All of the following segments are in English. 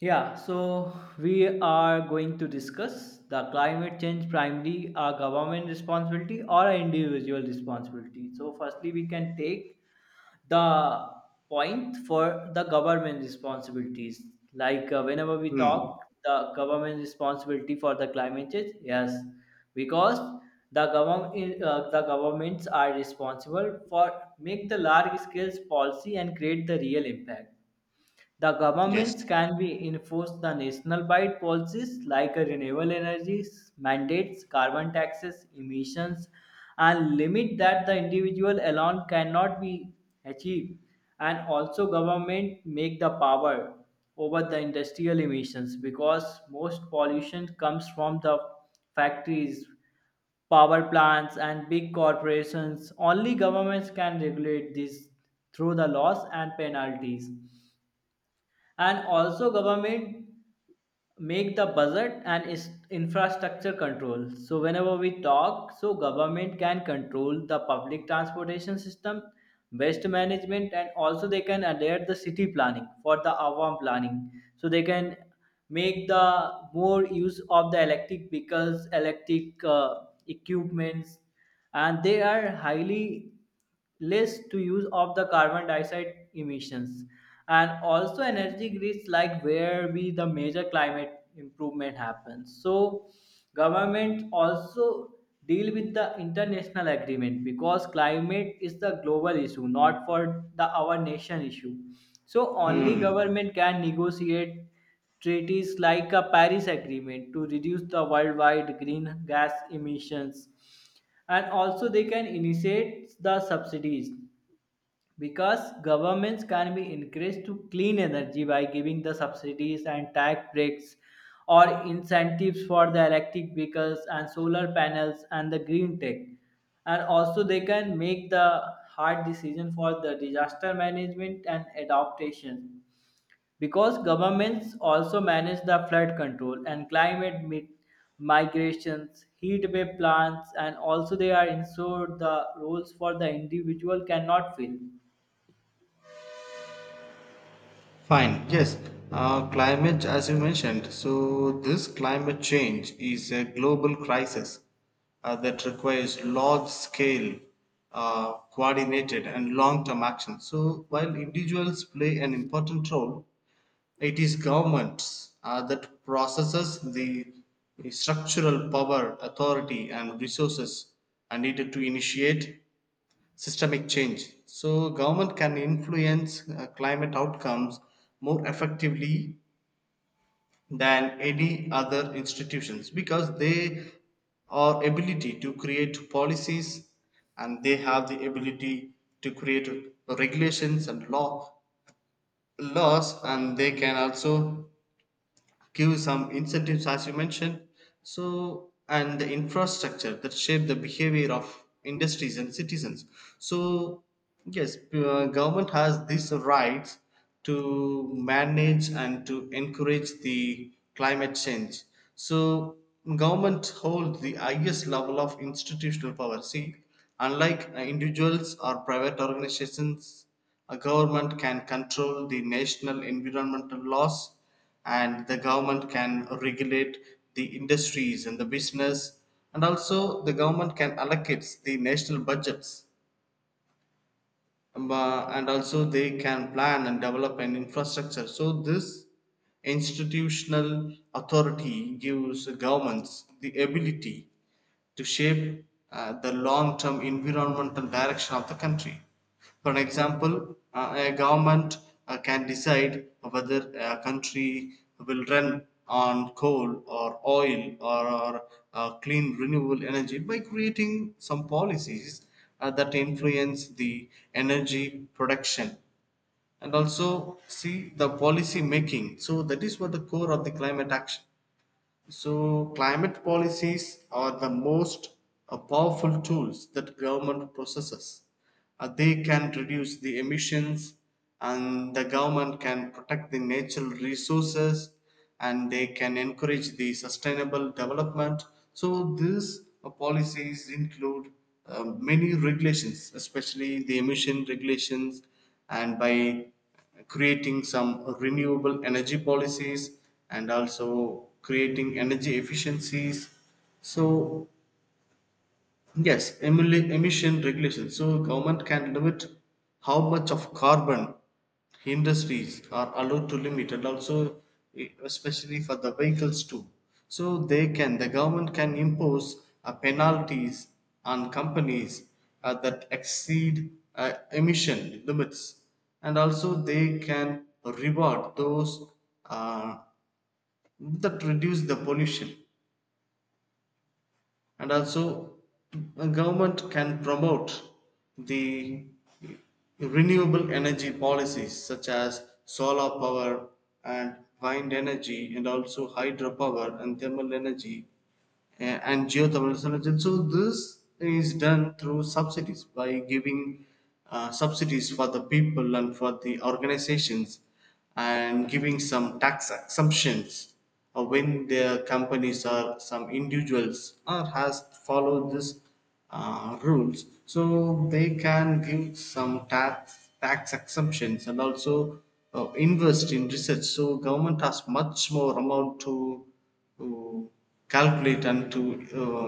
Yeah, so we are going to discuss the climate change primarily a government responsibility or a individual responsibility. So, firstly, we can take the point for the government responsibilities. Like whenever we Hmm. talk the government responsibility for the climate change, yes, because the government the governments are responsible for make the large scale policy and create the real impact. The Yes. governments can be enforce the national-wide policies like renewable energy mandates, carbon taxes, emissions, and limit that the individual alone cannot be achieved. And also, government make the power over the industrial emissions because most pollution comes from the factories, power plants, and big corporations. Only governments can regulate this through the laws and penalties, and also government make the budget and infrastructure control. So whenever we talk, so government can control the public transportation system, waste management, and also they can adhere the city planning for the avam planning, so they can make the more use of the electric vehicles, electric equipments, and they are highly less to use of the carbon dioxide emissions and also energy grids, like where be the major climate improvement happens. So government also deal with the international agreement because climate is the global issue, not for the our nation issue. So only Hmm. government can negotiate treaties like a Paris agreement to reduce the worldwide green gas emissions. And also they can initiate the subsidies because governments can be encouraged to clean energy by giving the subsidies and tax breaks or incentives for the electric vehicles and solar panels and the green tech. And also they can make the hard decision for the disaster management and adaptation, because governments also manage the flood control and climate migrations, heat wave plans, and also they are ensured the roles for the individual cannot fill. Fine. Yes. Climate, as you mentioned, so this climate change is a global crisis that requires large-scale, coordinated, and long-term action. So while individuals play an important role, it is governments that processes the structural power, authority, and resources are needed to initiate systemic change. So government can influence climate outcomes more effectively than any other institutions because they are ability to create policies, and they have the ability to create regulations and laws, and they can also give some incentives, as you mentioned, so and the infrastructure that shape the behavior of industries and citizens. So yes, government has these rights to manage and to encourage the climate change. So government holds the highest level of institutional power, see, unlike individuals or private organizations, a government can control the national environmental laws, and the government can regulate the industries and the business, and also the government can allocate the national budgets, and also they can plan and develop an infrastructure. So this institutional authority gives governments the ability to shape the long-term environmental direction of the country. For an example, a government can decide whether a country will run on coal or oil clean renewable energy by creating some policies that influence the energy production, and also see the policy making. So that is what the core of the climate action. So climate policies are the most powerful tools that government possesses. Uh, they can reduce the emissions, and the government can protect the natural resources, and they can encourage the sustainable development. So these policies include many regulations, especially the emission regulations, and by creating some renewable energy policies and also creating energy efficiencies. So yes, emission regulation. So government can limit how much of carbon industries are allowed to limit, and also eh, especially for the vehicles too. So they can, the government can impose penalties on companies that exceed emission limits, and also they can reward those uh, that reduce the pollution. And also, government can promote the renewable energy policies such as solar power and wind energy and also hydropower and thermal energy and geothermal solution. So this is done through subsidies by giving subsidies for the people and for the organizations, and giving some tax exemptions when their companies or some individuals or has followed this rules, so they can give some tax exemptions. And also, invest in research. So government has much more amount to calculate and to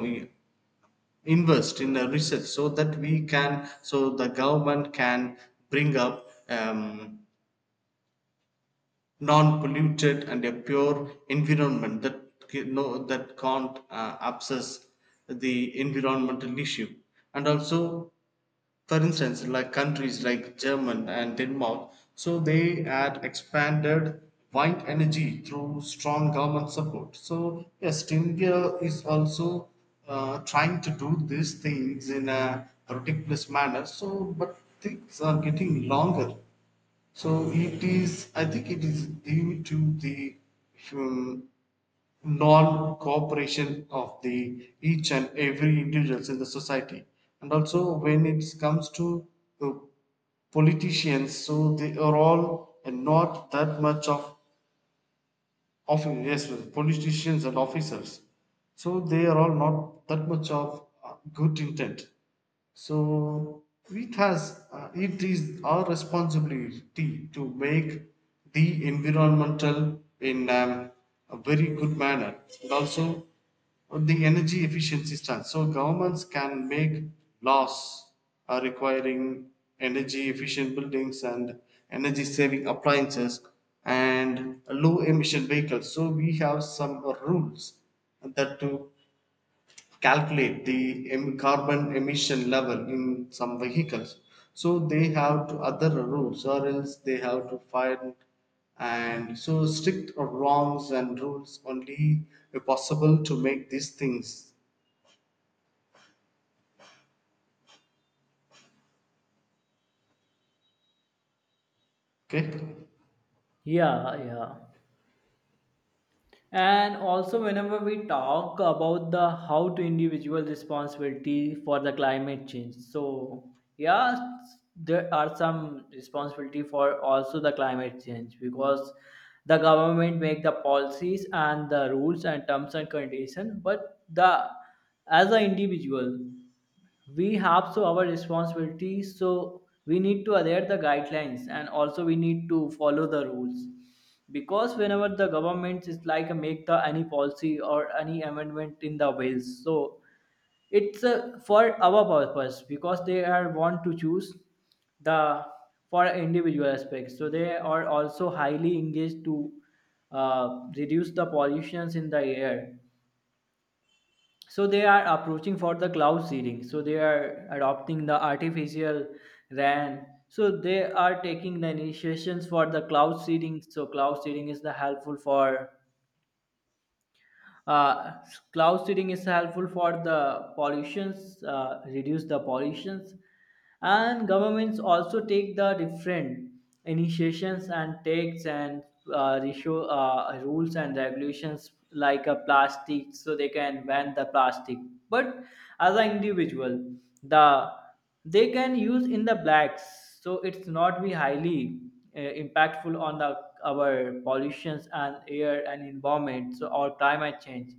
invest in the research, so that we can, so the government can bring up non-polluted and a pure environment that that can't obsess the environmental issue. And also, for instance, like countries like German and Denmark, so they had expanded wind energy through strong government support. So yes, India is also trying to do these things in a ridiculous manner. So, but things are getting longer. So it is, I think, it is due to the um, non-cooperation of the each and every individuals in the society. And also, when it comes to uh, politicians, so they are all and not that much of often, yes, politicians and officers, so they are all not that much of good intent. So it has it is our responsibility to make the environmental in a very good manner. And also, on the energy efficiency stance. So governments can make laws requiring energy efficient buildings and energy saving appliances and low emission vehicles. So we have some rules that to calculate the carbon emission level in some vehicles, so they have to other rules or else they have to find. And so strict or wrongs and rules only possible to make these things okay. Yeah, yeah. And also, whenever we talk about the how to individual responsibility for the climate change, so yeah, there are some responsibility for also the climate change, because the government make the policies and the rules and terms and conditions, but the, as an individual, we have so our responsibility. So we need to adhere the guidelines and also we need to follow the rules, because whenever the government is like a make the any policy or any amendment in the bills, so it's for our purpose, because they are want to choose the for individual aspects, so they are also highly engaged to reduce the pollutions in the air. So they are approaching for the cloud seeding, so they are adopting the artificial ran. So they are taking the initiations for the cloud seeding. So cloud seeding is the helpful for uh, cloud seeding is helpful for the pollutions, reduce the pollutions. And governments also take the different initiations and takes and rules and regulations like a plastic, so they can ban the plastic. But as an individual, the, they can use in the blacks, so it's not be highly impactful on the our pollutions and air and environment, so or climate change.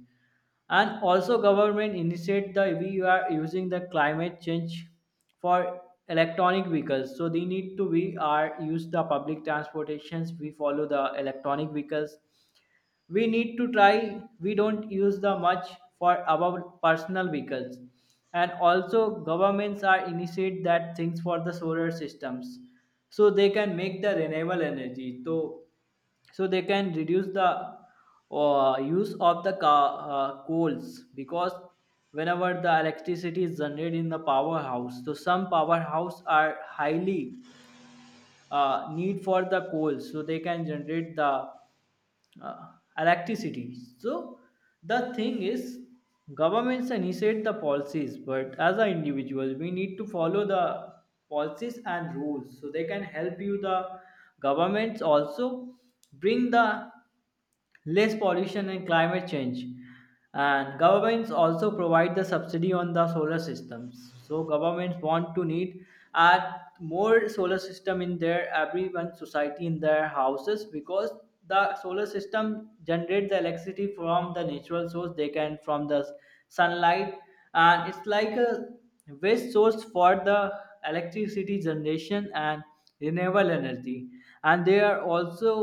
And also government initiate the we are using the climate change for electronic vehicles, so they need to, we are use the public transportations, we follow the electronic vehicles. We need to try we don't use the much for our personal vehicles. And also governments are initiate that things for the solar systems, so they can make the renewable energy, so so they can reduce the use of the coals, because whenever the electricity is generated in the powerhouse, so some powerhouse are highly need for the coal, so they can generate the uh, electricity. So the thing is, governments initiate the policies, but as an individual we need to follow the policies and rules, so they can help you the governments also bring the less pollution and climate change. And governments also provide the subsidy on the solar systems. So governments want to need add more solar system in their everyone society in their houses, because the solar system generate the electricity from the natural source, they can from the sunlight. And it's like a waste source for the electricity generation and renewable energy. And they are also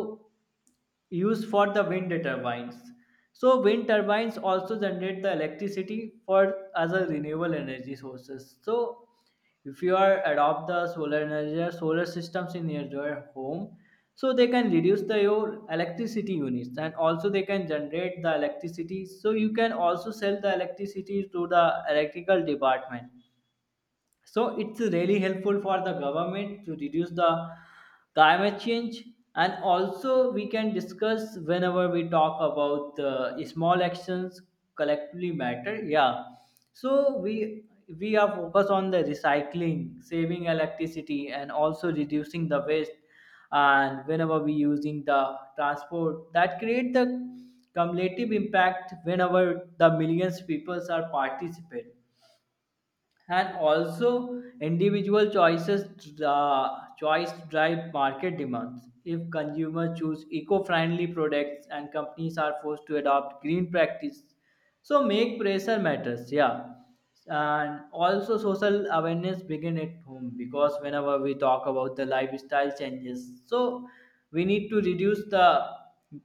used for the wind turbines. So wind turbines also generate the electricity for as a renewable energy sources. So if you are adopt the solar energy or solar systems in your home, so they can reduce the your electricity units and also they can generate the electricity. So you can also sell the electricity to the electrical department, so it's really helpful for the government to reduce the climate change. And also, we can discuss whenever we talk about small actions collectively matter. Yeah. So we are focused on the recycling, saving electricity, and also reducing the waste. And whenever we using the transport, that create the cumulative impact whenever the millions peoples are participate. And also individual choices, the choice drive market demands. If consumers choose eco-friendly products and companies are forced to adopt green practice, so make pressure matters, yeah. And also social awareness begin at home, because whenever we talk about the lifestyle changes, so we need to reduce the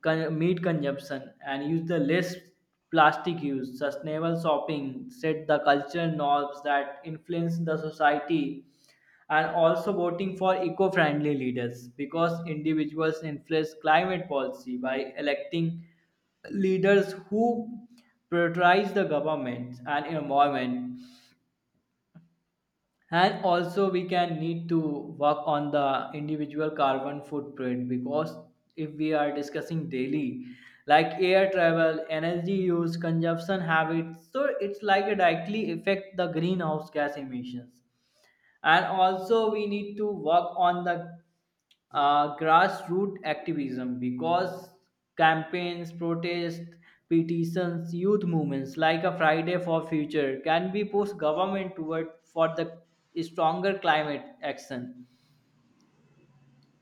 meat consumption and use the less plastic use, sustainable shopping, set the cultural norms that influence the society, and also voting for eco-friendly leaders, because individuals influence climate policy by electing leaders who prioritize the government and environment. And also we can need to work on the individual carbon footprint, because if we are discussing daily like air travel, energy use, consumption habits, so it's like a directly affect the greenhouse gas emissions. And also we need to work on the grassroots activism, because campaigns, protests, petitions, youth movements like a Friday for Future can be pushed government toward for the stronger climate action.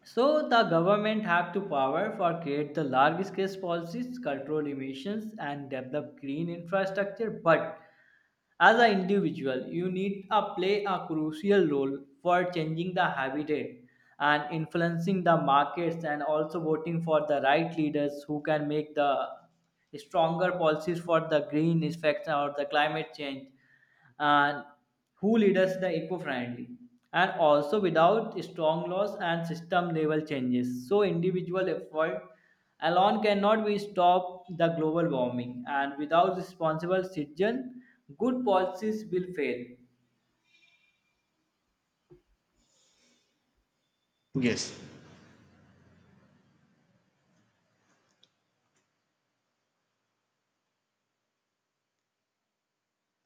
So the government have to power for create the large scale policies, control emissions, and develop green infrastructure, but as an individual, you need to play a crucial role for changing the habitat and influencing the markets and also voting for the right leaders who can make the stronger policies for the green effects or the climate change, and who leads the eco-friendly. And also without strong laws and system level changes, so individual effort alone cannot be stop the global warming, and without responsible citizen good policies will fail. Yes,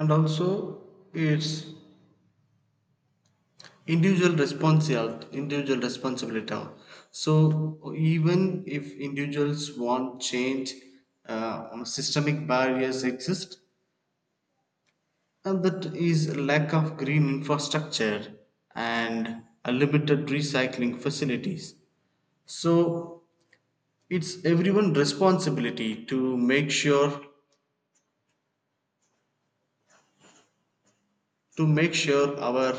and also it's individual responsibility. So even if individuals want change, systemic barriers exist. And that is lack of green infrastructure and a limited recycling facilities. So it's everyone's responsibility to make sure, our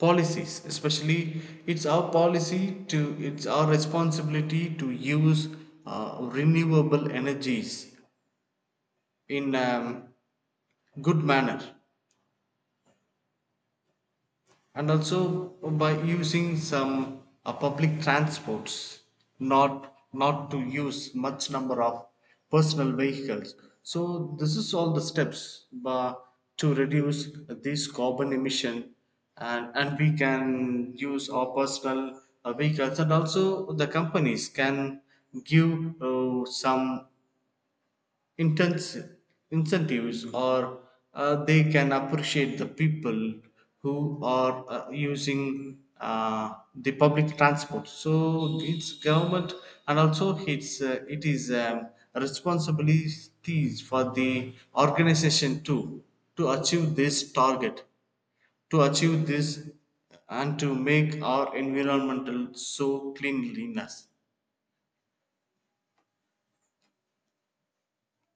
policies, especially it's our policy to, it's our responsibility to use renewable energies in good manner. And also, by using some public transports, not to use much number of personal vehicles. So this is all the steps to reduce this carbon emission. And we can use our personal vehicles. And also, the companies can give some intensi- incentives, or they can appreciate the people who are using the public transport. So it's government. And also, it's it is responsibilities for the organization too, to achieve this target, to achieve this and to make our environmental so cleanliness.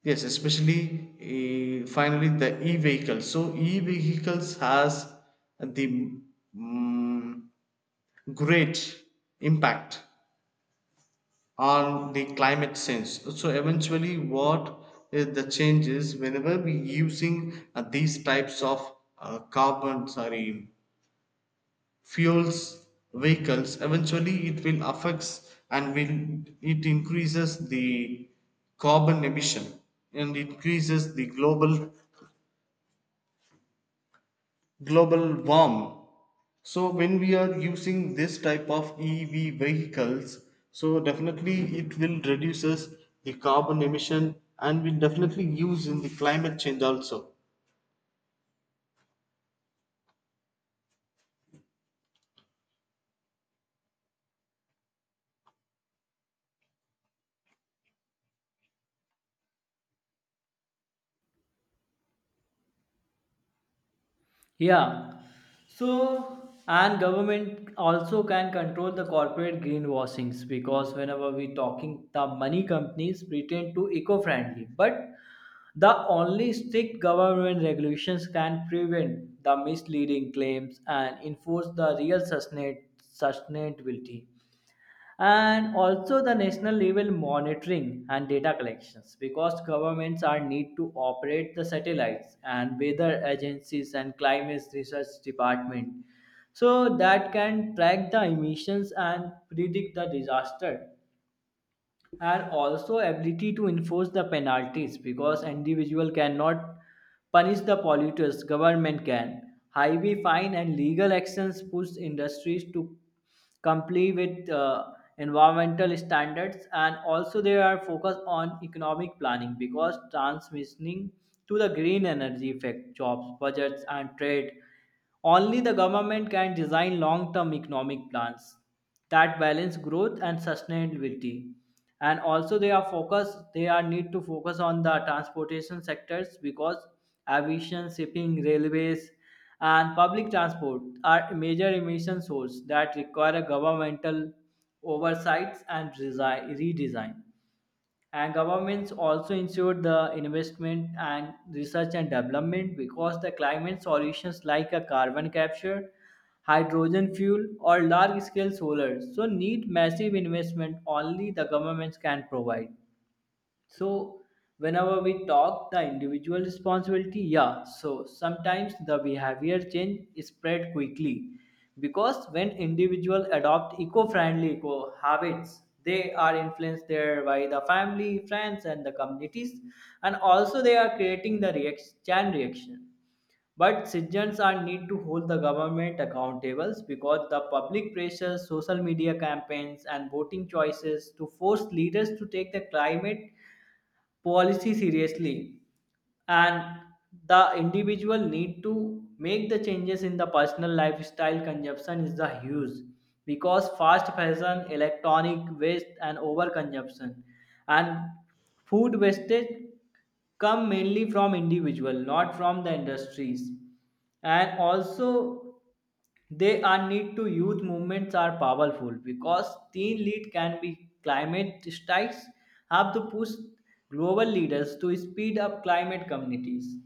Yes, especially finally the e-vehicle. So e-vehicles has the mm great impact on the climate sense. So eventually, what is the change is whenever we using these types of fuels vehicles, eventually it will affects and will it increases the carbon emission and increases the global warm. So when we are using this type of EV vehicles, so definitely it will reduces the carbon emission and will definitely use in the climate change also. Yeah. So, and government also can control the corporate greenwashings, because whenever we talking, the money companies pretend to eco-friendly, but the only strict government regulations can prevent the misleading claims and enforce the real sustainability. And also the national level monitoring and data collections, because governments are need to operate the satellites and weather agencies and climate research department, so that can track the emissions and predict the disaster. And also ability to enforce the penalties, because individual cannot punish the polluters, government can highway fine and legal actions push industries to comply with environmental standards. And also they are focused on economic planning, because transmissioning to the green energy effect jobs, budgets, and trade, only the government can design long term economic plans that balance growth and sustainability. And also they are focused, they are need to focus on the transportation sectors, because aviation, shipping, railways, and public transport are major emission source that require a governmental oversights and redesign. And governments also ensure the investment and research and development, because the climate solutions like a carbon capture, hydrogen fuel, or large scale solar so need massive investment, only the governments can provide. So whenever we talk the individual responsibility, yeah, so sometimes the behavior change is spread quickly, because when individual adopt eco-friendly eco habits, they are influenced there by the family, friends, and the communities. And also they are creating the reaction, chain reaction. But citizens are need to hold the government accountable, because the public pressures, social media campaigns, and voting choices to force leaders to take the climate policy seriously. And the individual need to make the changes in the personal lifestyle. Consumption is the huge, because fast fashion, electronic waste, and overconsumption and food wastage come mainly from individual, not from the industries. And also they are need to, youth movements are powerful, because teen lead can be climate strikes have to push global leaders to speed up climate communities.